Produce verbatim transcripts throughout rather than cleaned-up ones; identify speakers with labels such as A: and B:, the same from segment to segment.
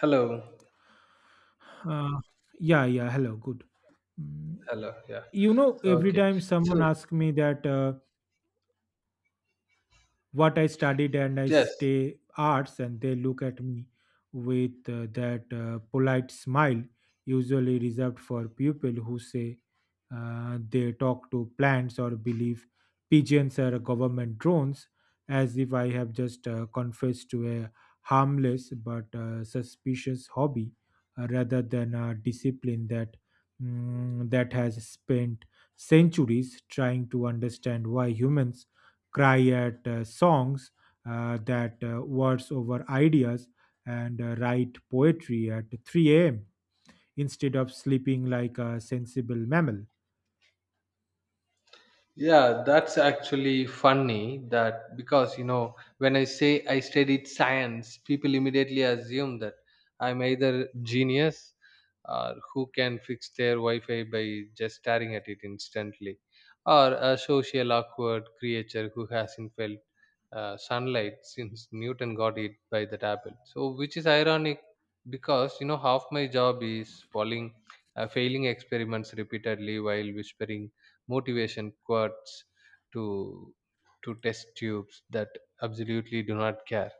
A: Hello.
B: Uh, yeah, yeah. Hello, good. Mm,
A: Hello. Yeah.
B: You know, every
A: Okay.
B: time someone
A: So,
B: asks me that, uh, what I studied and I
A: yes.
B: stay arts, and they look at me with uh, that uh, polite smile, usually reserved for people who say uh, they talk to plants or believe pigeons are government drones, as if I have just uh, confessed to a harmless but uh, suspicious hobby uh, rather than a discipline that. mm, that has spent centuries trying to understand why humans cry at uh, songs uh, that uh, words over ideas, and uh, write poetry at three a m instead of sleeping like a sensible mammal.
A: Yeah, that's actually funny that because you know when I say I studied science, people immediately assume that I'm either genius or who can fix their Wi-Fi by just staring at it instantly, or a social awkward creature who hasn't felt uh, sunlight since Newton got it by that apple. So, which is ironic because you know half my job is following uh, failing experiments repeatedly while whispering motivation quotes to to test tubes that absolutely do not care.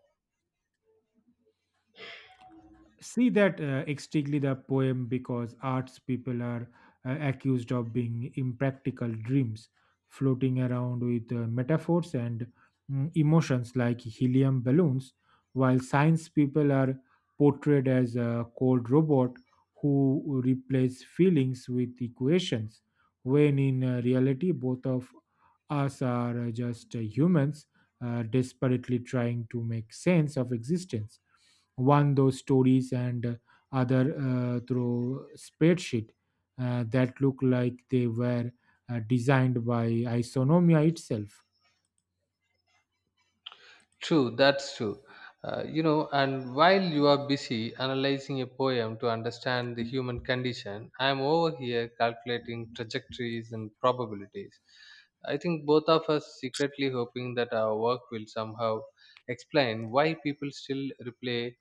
B: See that uh, exactly the poem because arts people are uh, accused of being impractical dreams floating around with uh, metaphors and mm, emotions like helium balloons, while science people are portrayed as a cold robot who replace feelings with equations, when in uh, reality both of us are uh, just uh, humans uh, desperately trying to make sense of existence, one those stories and uh, other uh, through spreadsheet uh, that look like they were uh, designed by isonomia itself.
A: True, that's true. Uh, you know, and while you are busy analyzing a poem to understand the human condition, I am over here calculating trajectories and probabilities. I think both of us secretly hoping that our work will somehow explain why people still replay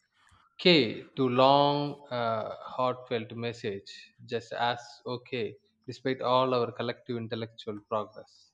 A: K to long, uh, heartfelt message, just as okay, despite all our collective intellectual progress.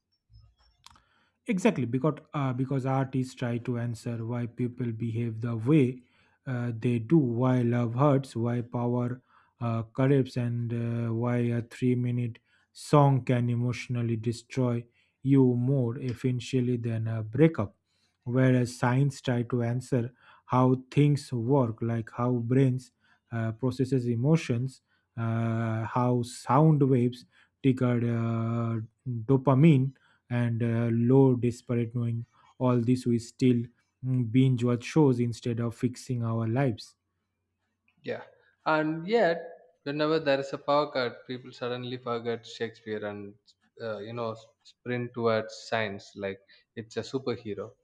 B: Exactly, because uh, because artists try to answer why people behave the way uh, they do, why love hurts, why power uh, corrupts, and uh, why a three minute song can emotionally destroy you more efficiently than a breakup. Whereas science try to answer how things work, like how brains uh, processes emotions, uh, how sound waves trigger uh, dopamine and uh, low desperate knowing all this we still mm, binge watch shows instead of fixing our lives.
A: Yeah, and yet whenever there is a power cut, people suddenly forget Shakespeare and uh, you know sprint towards science like it's a superhero,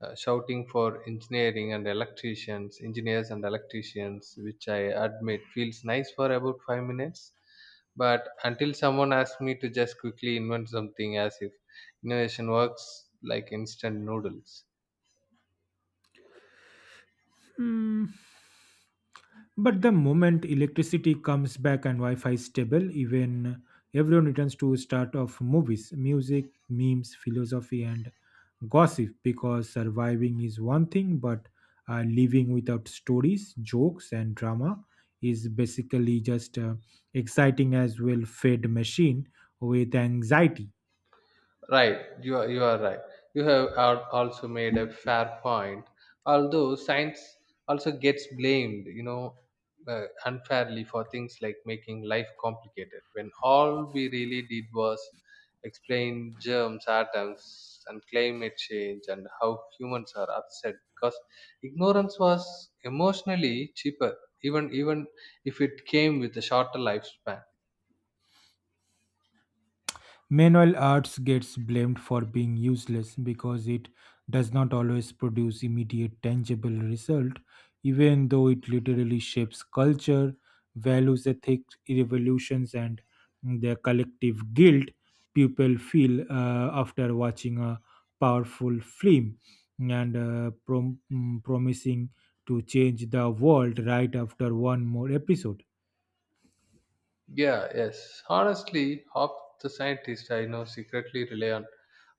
A: uh, shouting for engineering and electricians, engineers and electricians, which I admit feels nice for about five minutes. But until someone asks me to just quickly invent something as if innovation works like instant noodles.
B: Hmm. But the moment electricity comes back and Wi-Fi is stable, even everyone returns to start of movies, music, memes, philosophy, and gossip. Because surviving is one thing, but uh, living without stories, jokes, and drama is basically just uh, exciting as well fed machine with anxiety.
A: Right, you are, you are right. You have al- also made a fair point. Although science also gets blamed, you know, uh, unfairly for things like making life complicated, when all we really did was explain germs, atoms, and climate change and how humans are upset because ignorance was emotionally cheaper, even even if it came with a shorter lifespan.
B: Meanwhile, arts gets blamed for being useless because it does not always produce immediate tangible result, even though it literally shapes culture, values, ethics, revolutions, and the collective guilt people feel uh, after watching a powerful film and uh, prom- mm, promising to change the world right after one more episode.
A: Yeah, yes. Honestly, half the scientists I know secretly rely on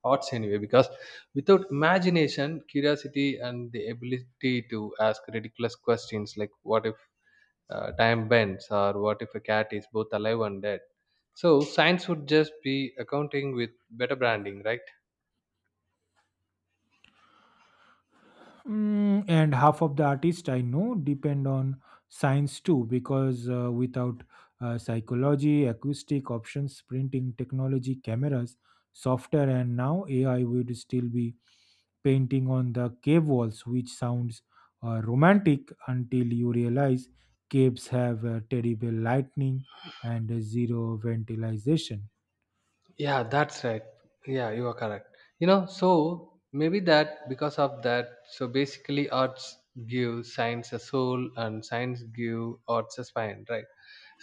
A: arts anyway because without imagination, curiosity, and the ability to ask ridiculous questions like what if uh, time bends or what if a cat is both alive and dead. So, science would just be accounting with better branding, right?
B: Mm, and half of the artists I know depend on science too, because uh, without uh, psychology, acoustic options, printing technology, cameras, software, and now A I would still be painting on the cave walls, which sounds uh, romantic until you realize caves have uh, terrible lightning and uh, zero ventilation.
A: Yeah, that's right. Yeah, you are correct. You know, so maybe that because of that, so basically arts give science a soul and science give arts a spine, right?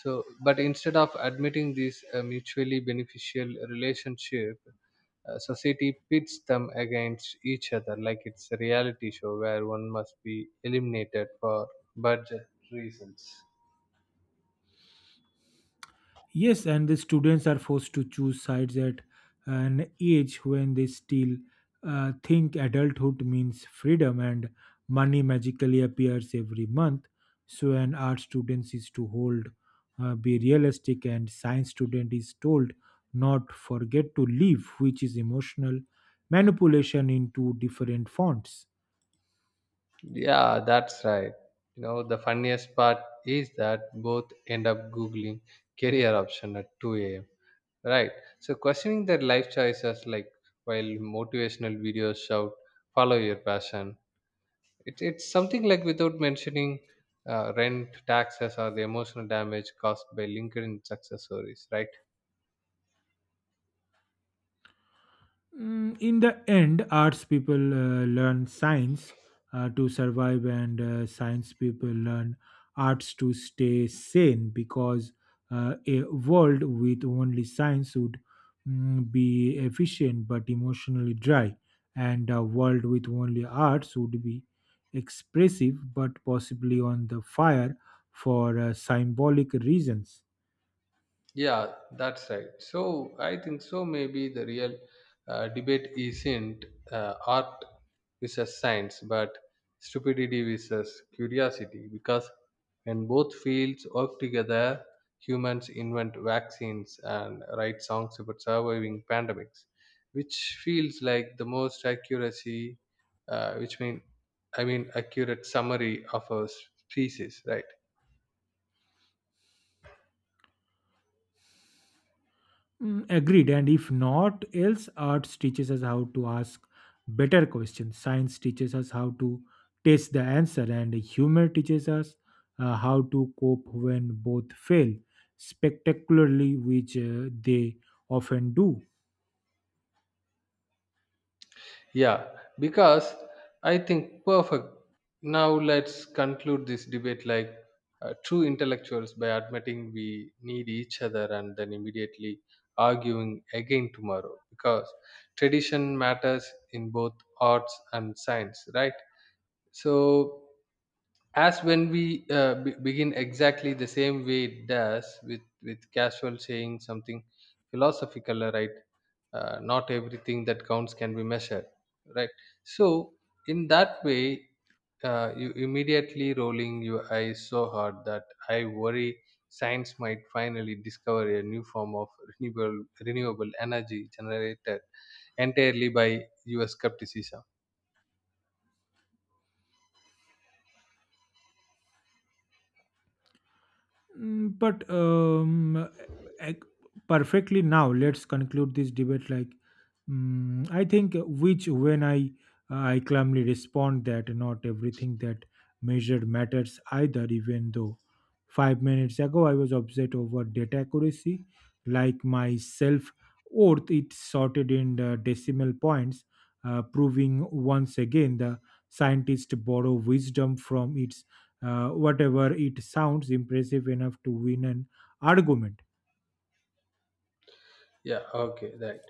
A: So, but instead of admitting this uh, mutually beneficial relationship, uh, society pits them against each other like it's a reality show where one must be eliminated for budget reasons.
B: Yes, and the students are forced to choose sides at an age when they still uh, think adulthood means freedom and money magically appears every month. So, an art student is to hold, uh, be realistic, and science student is told not forget to live, which is emotional manipulation in two different fonts.
A: Yeah, that's right. You know, the funniest part is that both end up Googling career option at two a m. Right. So questioning their life choices like while motivational videos shout, follow your passion. It, it's something like without mentioning uh, rent, taxes, or the emotional damage caused by LinkedIn success stories, right?
B: Mm, in the end, arts people uh, learn science uh, to survive, and uh, science people learn arts to stay sane, because uh, a world with only science would mm, be efficient but emotionally dry, and a world with only arts would be expressive but possibly on the fire for uh, symbolic reasons.
A: Yeah, that's right. So I think so. Maybe the real uh, debate isn't uh, art versus science, but stupidity versus curiosity. Because when both fields work together, humans invent vaccines and write songs about surviving pandemics, which feels like the most accuracy, uh, which mean I mean accurate summary of our species, right?
B: Mm, agreed. And if not else, arts teaches us how to ask better questions. Science teaches us how to test the answer, and humor teaches us uh, how to cope when both fail spectacularly, which uh, they often do.
A: Yeah, because I think perfect. Now let's conclude this debate like uh, true intellectuals by admitting we need each other and then immediately arguing again tomorrow because tradition matters in both arts and science, right? So as when we uh, be- begin exactly the same way it does with with casual saying something philosophical, uh, right, uh, not everything that counts can be measured, right. So in that way, uh, you immediately rolling your eyes so hard that I worry science might finally discover a new form of renewable renewable energy generated entirely by your skepticism.
B: Mm, But um, ec- Perfectly now, let's conclude this debate. Like, mm, I think which when I I calmly respond that not everything that measured matters either. Even though five minutes ago I was upset over data accuracy, like my self worth, it sorted in the decimal points, uh, proving once again the scientists borrow wisdom from its uh, whatever it sounds impressive enough to win an argument.
A: Yeah, okay, right.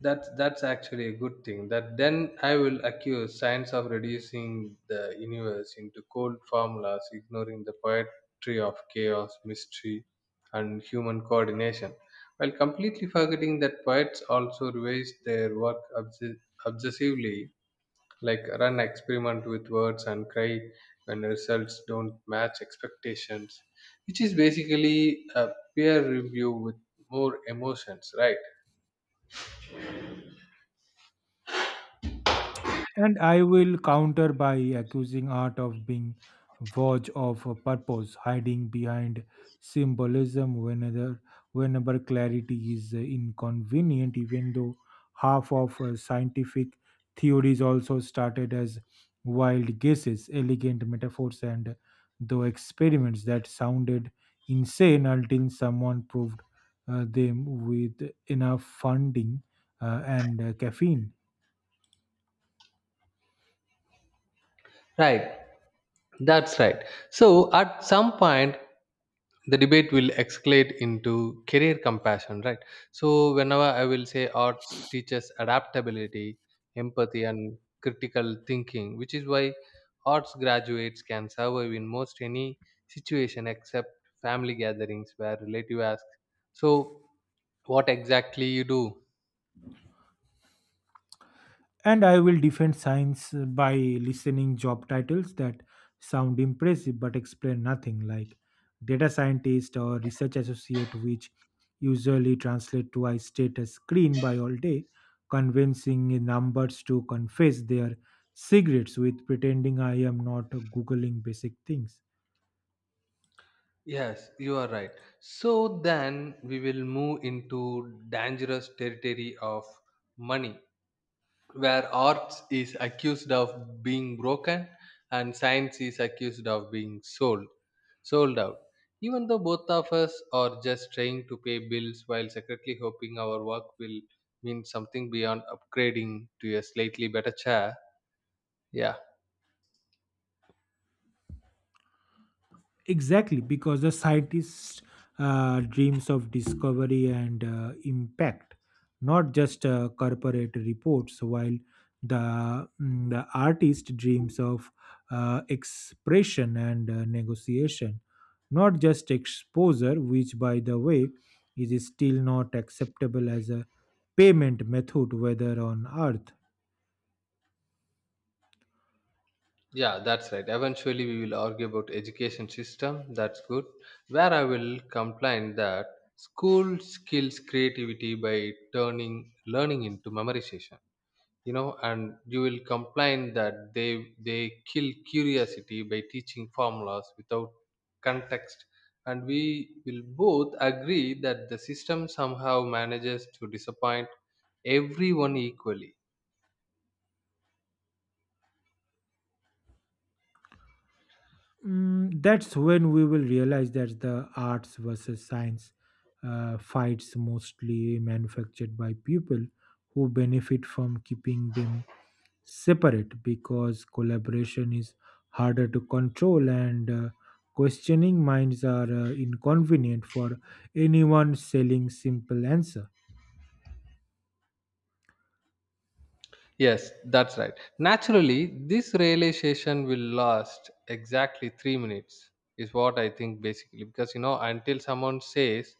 A: That's that's actually a good thing. That then I will accuse science of reducing the universe into cold formulas, ignoring the poetry of chaos, mystery, and human coordination, while completely forgetting that poets also revised their work obs- obsessively, like run experiment with words and cry when results don't match expectations, which is basically a peer review with more emotions, right?
B: And I will counter by accusing art of being void of a purpose, hiding behind symbolism whenever, whenever clarity is uh, inconvenient, even though half of uh, scientific theories also started as wild guesses, elegant metaphors, and though experiments that sounded insane until someone proved uh, them with enough funding uh, and uh, caffeine.
A: Right, that's right. So at some point, the debate will escalate into career compassion, right? So whenever I will say arts teaches adaptability, empathy, and critical thinking, which is why arts graduates can survive in most any situation except family gatherings where relative asks, "So, what exactly you do?"
B: And I will defend science uh, by listening job titles that sound impressive but explain nothing, like data scientist or research associate, which usually translate to I state a screen by all day, convincing numbers to confess their cigarettes with pretending I am not Googling basic things.
A: Yes, you are right. So then we will move into dangerous territory of money, where arts is accused of being broken and science is accused of being sold, sold out. Even though both of us are just trying to pay bills while secretly hoping our work will mean something beyond upgrading to a slightly better chair. Yeah.
B: Exactly, because the scientist uh, dreams of discovery and uh, impact, not just uh, corporate reports, while the, mm, the artist dreams of uh, expression and uh, negotiation, not just exposure, which, by the way, is still not acceptable as a payment method, whether on earth.
A: Yeah, that's right. Eventually we will argue about education system that's good, where I will complain that school skills creativity by turning learning into memorization, you know and you will complain that they they kill curiosity by teaching formulas without context. And we will both agree that the system somehow manages to disappoint everyone equally.
B: Mm, that's when we will realize that the arts versus science uh, fights mostly manufactured by people who benefit from keeping them separate because collaboration is harder to control and uh, questioning minds are uh, inconvenient for anyone selling simple answer.
A: Yes, that's right. Naturally, this realization will last exactly three minutes, is what I think basically. Because, you know, until someone says,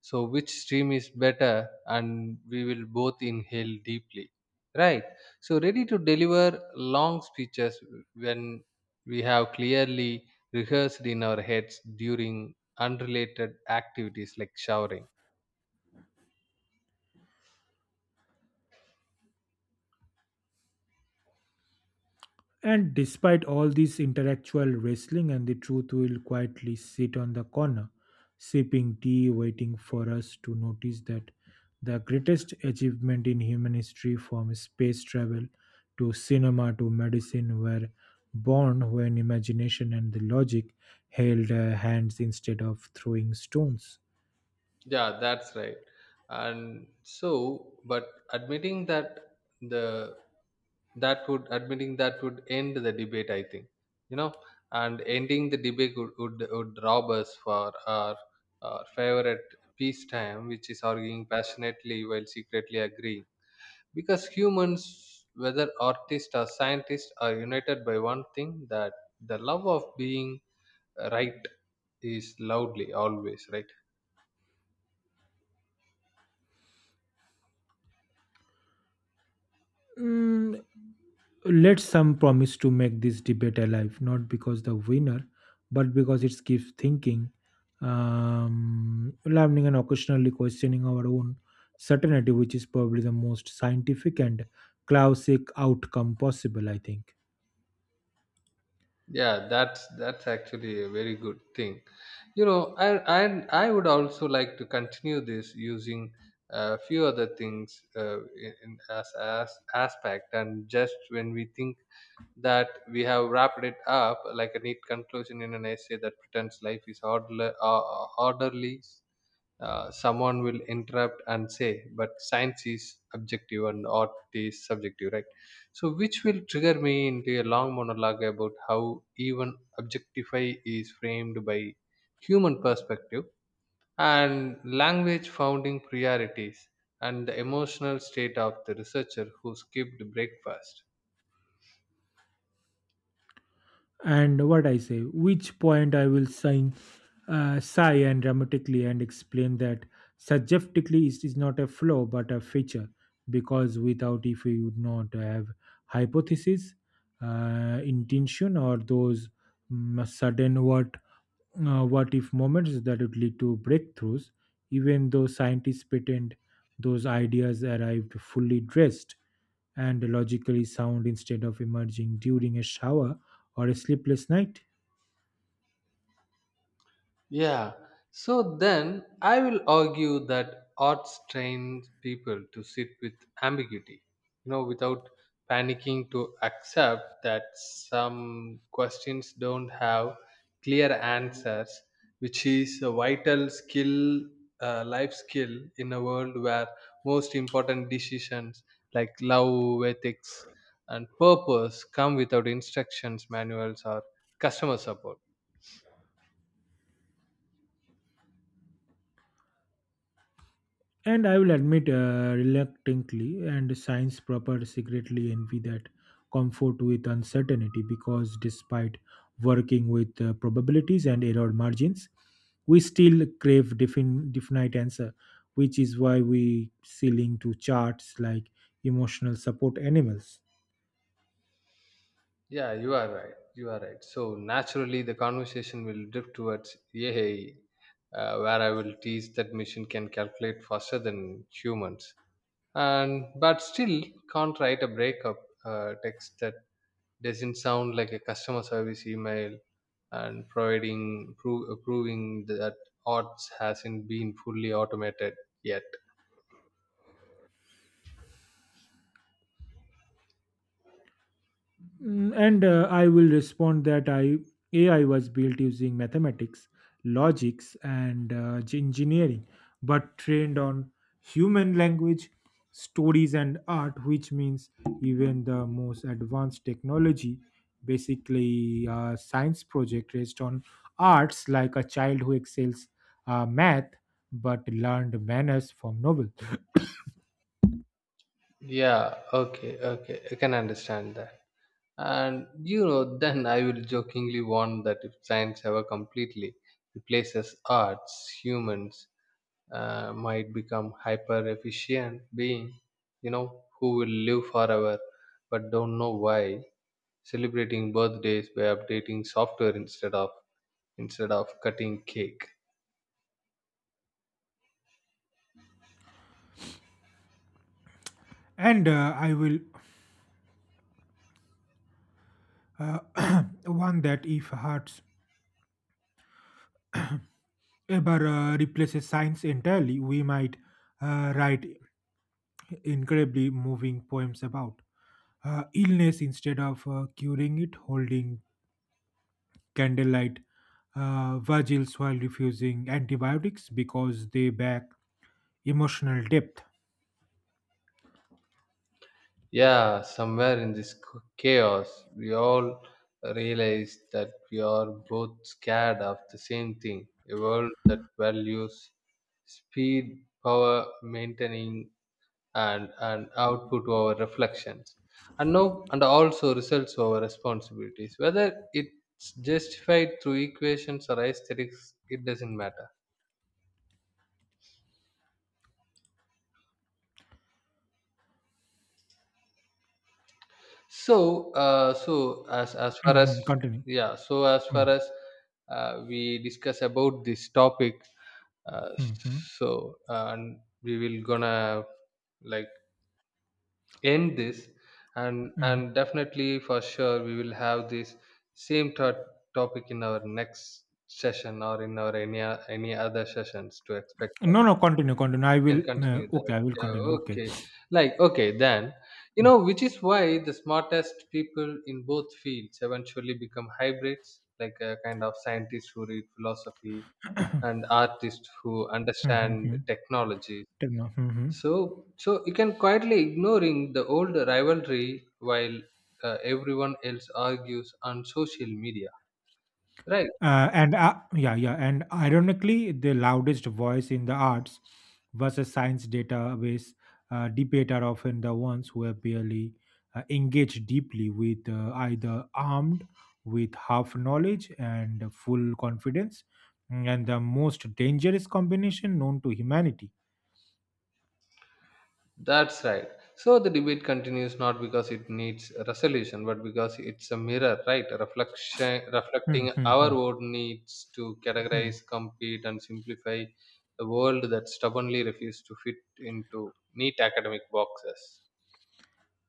A: so which stream is better, and we will both inhale deeply. Right. So, ready to deliver long speeches when we have clearly rehearsed in our heads during unrelated activities like showering.
B: And despite all this intellectual wrestling, and the truth will quietly sit on the corner, sipping tea, waiting for us to notice that the greatest achievement in human history, from space travel to cinema to medicine, were born when imagination and the logic held uh, hands instead of throwing stones.
A: Yeah, that's right. And so, but admitting that the that would admitting that would end the debate, I think, you know, and ending the debate would would, would rob us for our, our favorite peacetime, which is arguing passionately while secretly agreeing. Because humans, whether artists or scientists, are united by one thing that the love of being right is loudly always right.
B: Mm, let some promise to make this debate alive, not because the winner, but because it keeps thinking, um, learning, and occasionally questioning our own certainty, which is probably the most scientific and classic outcome possible, I think.
A: Yeah, that's that's actually a very good thing. you know i i, I would also like to continue this using a few other things, uh, in, in as, as aspect and just when we think that we have wrapped it up like a neat conclusion in an essay that pretends life is orderly, uh, orderly uh, someone will interrupt and say but science is objective and art is subjective, right. So which will trigger me into a long monologue about how even objectify is framed by human perspective and language founding priorities and the emotional state of the researcher who skipped breakfast.
B: And what I say, which point I will sign, uh, sigh and dramatically and explain that subjectively it is not a flaw but a feature because without if we would not have hypothesis, uh, intention or those mm, sudden what uh, what if moments that would lead to breakthroughs, even though scientists pretend those ideas arrived fully dressed and logically sound instead of emerging during a shower or a sleepless night.
A: Yeah. So then I will argue that art trains people to sit with ambiguity, you know, without panicking to accept that some questions don't have clear answers, which is a vital skill, uh, life skill in a world where most important decisions like love, ethics, and purpose come without instructions, manuals, or customer support.
B: And I will admit uh, reluctantly, and science proper secretly envy that comfort with uncertainty because despite working with uh, probabilities and error margins, we still crave defin- definite answer, which is why we see link to charts like emotional support animals.
A: Yeah, you are right. You are right. So naturally, the conversation will drift towards A I, uh, where I will tease that machine can calculate faster than humans, and but still can't write a breakup uh, text that doesn't sound like a customer service email, and providing pro- proving that odds hasn't been fully automated yet.
B: Mm, And uh, I will respond that I A I was built using mathematics, logics, and uh, g- engineering, but trained on human language, stories, and art, which means even the most advanced technology, basically a science project based on arts, like a child who excels uh, math but learned manners from novel.
A: Yeah. Okay. Okay. I can understand that. And you know, then I will jokingly warn that if science ever completely replaces arts, humans uh, might become hyper efficient being, you know, who will live forever but don't know why, celebrating birthdays by updating software instead of instead of cutting cake.
B: And uh, I will uh, one that if hearts ever uh, replaces science entirely, we might uh, write incredibly moving poems about uh, illness instead of uh, curing it, holding candlelight uh, vigils while refusing antibiotics because they back emotional depth.
A: Yeah, somewhere in this ch- chaos, we all realize that we are both scared of the same thing, a world that values speed, power, maintaining, and, and output over reflections, and no, and also results over responsibilities. Whether it's justified through equations or aesthetics, it doesn't matter. So, uh, so as as far as,
B: Mhm, continue.
A: yeah, so as
B: Mm,
A: far as, uh, we discuss about this topic, uh,
B: mm, mm,
A: so and we will gonna like end this, and
B: mm.
A: and definitely for sure we will have this same thought topic in our next session or in our any o- any other sessions to expect
B: No, no, continue, continue. I will.
A: can
B: Uh,
A: continue
B: okay,
A: that.
B: I will continue.
A: Yeah,
B: Okay.
A: okay. Like, okay, then, you know, which is why the smartest people in both fields eventually become hybrids, like a kind of scientists who read philosophy and artists who
B: Mhm,
A: understand
B: mhm.
A: technology.
B: Tell me now. Mhm.
A: So, so you can quietly ignoring the old rivalry while uh, everyone else argues on social media, right?
B: Uh, and uh, yeah, yeah, and ironically, the loudest voice in the arts versus science database uh, debate are often the ones who have barely uh, engaged deeply with uh, either armed with half knowledge and full confidence, and the most dangerous combination known to humanity.
A: That's right. So the debate continues not because it needs a resolution, but because it's a mirror, right? A reflection
B: Hmm,
A: reflecting
B: hmm,
A: our
B: hmm,
A: own needs to
B: hmm.
A: categorize, compete, and simplify a world that stubbornly refuses to fit into neat academic boxes.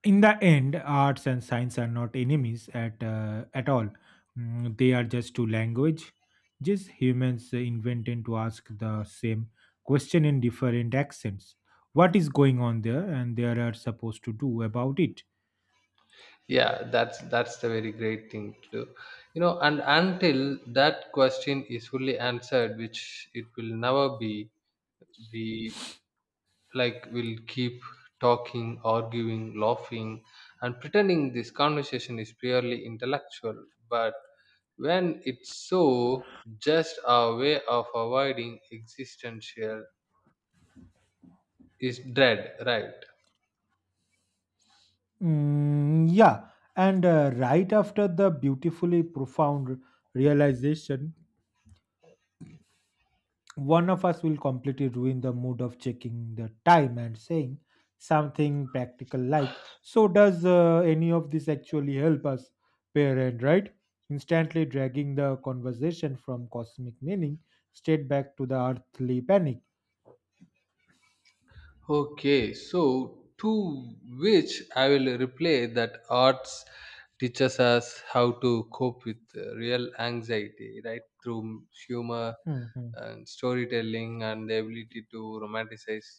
B: In the end arts and science are not enemies at uh, at all. Mm, they are just two language, just humans invented to ask the same question in different accents, what is going on there and there are supposed to do about it.
A: Yeah, that's that's the very great thing to do. You know, and until that question is fully answered, which it will never be, we like we'll keep talking, arguing, laughing, and pretending this conversation is purely intellectual, but when it's so just a way of avoiding existential is dread, right.
B: Mm, yeah, and uh, right after the beautifully profound realization one of us will completely ruin the mood of checking the time and saying something practical like, so does uh, any of this actually help us parent, right, instantly dragging the conversation from cosmic meaning straight back to the earthly panic.
A: Okay, so to which I will replay that arts teaches us how to cope with uh, real anxiety, right, through humor and storytelling and the ability to romanticize,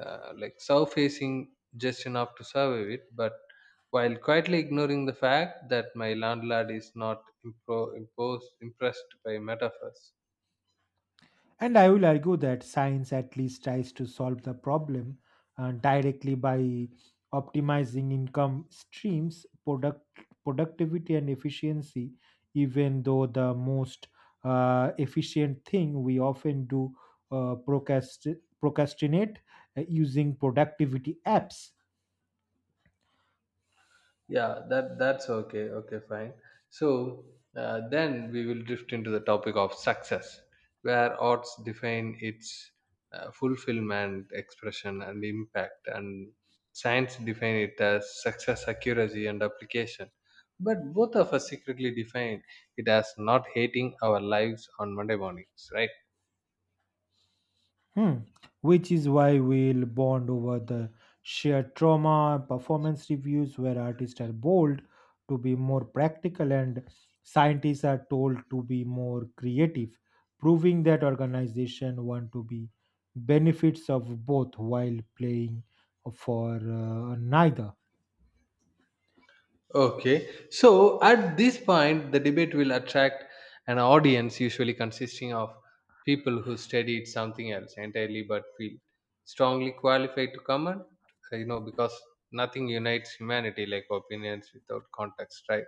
A: uh, like surfacing just enough to survive it, but while quietly ignoring the fact that my landlord is not impro- imposed, impressed by metaphors.
B: And I will argue that science at least tries to solve the problem uh, directly by optimizing income streams, product productivity, and efficiency. Even though the most uh, efficient thing we often do uh, procrast- procrastinate uh, using productivity apps.
A: yeah that that's okay okay fine. So uh, then we will drift into the topic of success, where arts define its uh, fulfillment, expression, and impact, and science define it as success, accuracy, and application, but both of us secretly define it as not hating our lives on Monday mornings, right?
B: Hmm. Which is why we'll bond over the shared trauma, performance reviews, where artists are bold to be more practical and scientists are told to be more creative, proving that organization want to be benefits of both while playing for uh, neither.
A: Okay, so at this point, the debate will attract an audience usually consisting of people who studied something else entirely but feel strongly qualified to comment, uh, you know, because nothing unites humanity like opinions without context, right?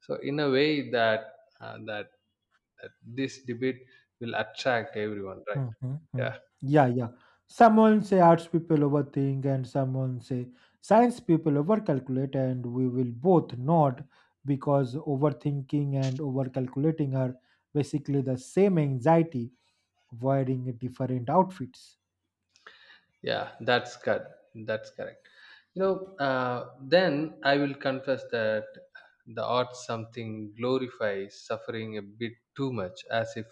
A: So, in a way, that uh, that, that this debate will attract everyone, right?
B: Mhm,
A: Yeah.
B: mhm. Yeah, yeah. Someone say arts people overthink, and someone say science people overcalculate, and we will both nod because overthinking and overcalculating are basically the same anxiety wearing different outfits.
A: Yeah, that's good. That's correct. You know, uh, then I will confess that the art something glorifies suffering a bit too much, as if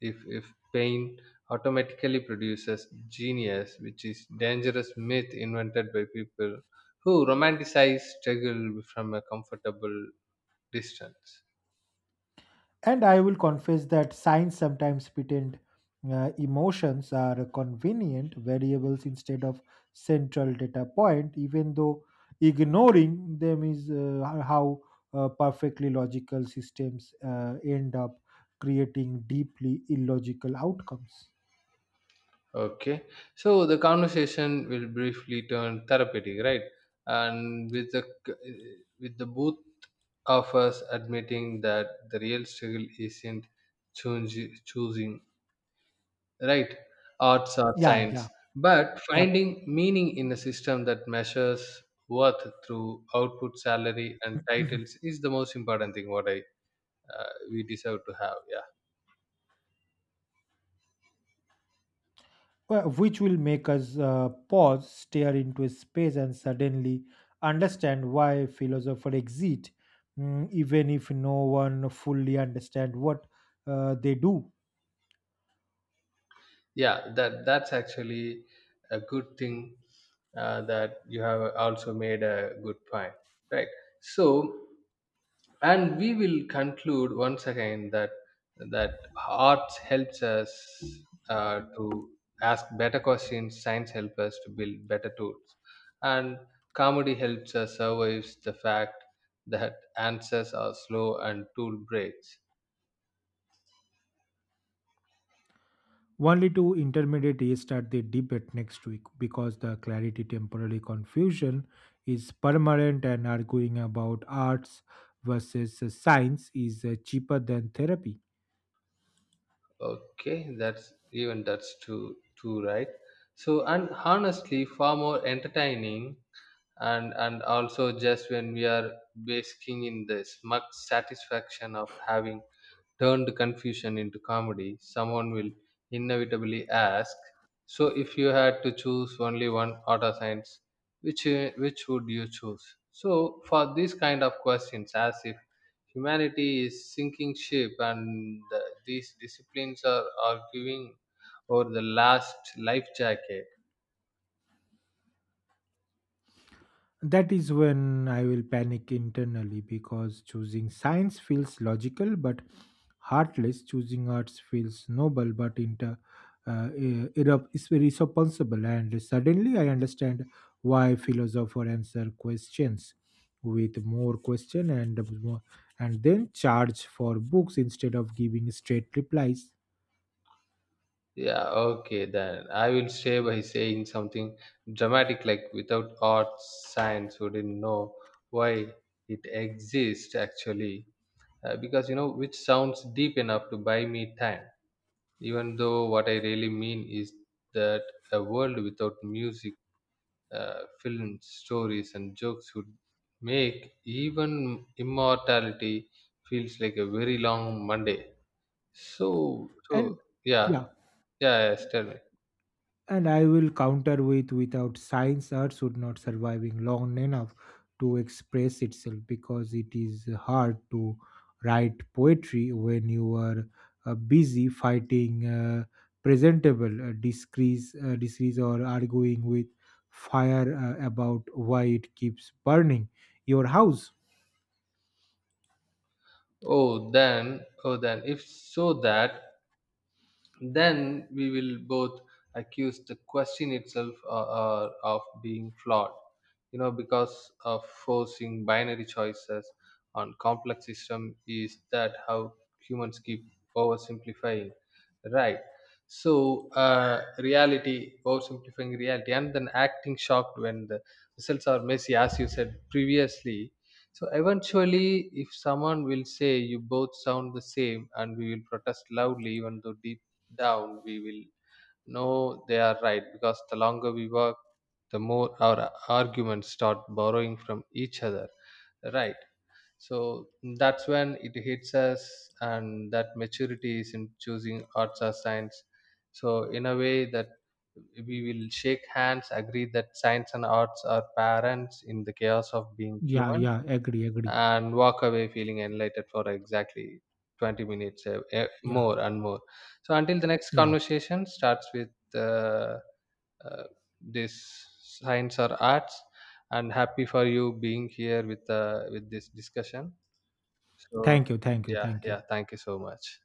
A: if if pain automatically produces genius, which is dangerous myth invented by people who romanticize struggle from a comfortable distance.
B: And I will confess that science sometimes pretend uh, emotions are convenient variables instead of central data point, even though ignoring them is uh, how uh, perfectly logical systems uh, end up creating deeply illogical outcomes.
A: Okay. So the conversation will briefly turn therapeutic, right? And with the c- with the both of us admitting that the real struggle isn't choosing, choosing right, arts or
B: Yeah,
A: science,
B: yeah,
A: but
B: yep.
A: finding meaning in a system that measures worth through output, salary, and titles is the most important thing. What I uh, we deserve to have. Yeah.
B: Well, which will make us uh, pause, stare into a space, and suddenly understand why philosophers exist, mm, even if no one fully understand what uh, they do.
A: yeah that that's actually a good thing, uh, that you have also made a good point, right? So and we will conclude once again that that arts helps us uh, to ask better questions, science helps us to build better tools, and comedy helps us survive the fact that answers are slow and tool breaks.
B: Only to intermediate A start the debate next week because the clarity temporary confusion is permanent and arguing about arts versus science is uh, cheaper than therapy.
A: Okay, that's even that's too too right. So and honestly, far more entertaining, and and also just when we are basking in the smug satisfaction of having turned confusion into comedy, someone will inevitably ask, "So if you had to choose only one, art or science, which uh, which would you choose?" So for these kind of questions, as if humanity is sinking ship, and uh, these disciplines are are giving over the last life jacket.
B: That is when I will panic internally because choosing science feels logical but heartless, choosing arts feels noble but inter, uh, ir- irre- is irresponsible. And suddenly I understand why philosophers answer questions with more question and more, and then charge for books instead of giving straight replies.
A: Yeah, okay, then I will stay by saying something dramatic like, without art, science wouldn't know why it exists actually. Uh, because, you know, which sounds deep enough to buy me time, even though what I really mean is that a world without music, uh, films, stories, and jokes would make even immortality feels like a very long Monday. So,
B: And
A: so yeah,
B: yeah,
A: yeah, yes, tell me.
B: and I will counter with without science, Earth would not surviving long enough to express itself because it is hard to write poetry when you are uh, busy fighting uh, presentable uh, disgrace, uh, disgrace or arguing with fire uh, about why it keeps burning your house.
A: Oh, then, oh, then, if so that, then we will both accuse the question itself uh, uh, of being flawed, you know, because of forcing binary choices on complex system. Is that how humans keep oversimplifying, right? So uh, reality oversimplifying reality and then acting shocked when the results are messy, as you said previously. So eventually if someone will say you both sound the same, and we will protest loudly even though deep down we will know they are right, because the longer we work, the more our arguments start borrowing from each other, right? So that's when it hits us, and that maturity is in choosing arts or science. So in a way that we will shake hands, agree that science and arts are parents in the chaos of being
B: Yeah,
A: human,
B: yeah, agree, agree.
A: and walk away feeling enlightened for exactly twenty minutes, uh, eh,
B: Yeah,
A: more and more. So until the next
B: yeah.
A: conversation starts with, uh, uh, this science or arts, and happy for you being here with, uh, with this discussion. so
B: Thank you, thank you,
A: yeah
B: thank you.
A: yeah thank you so much.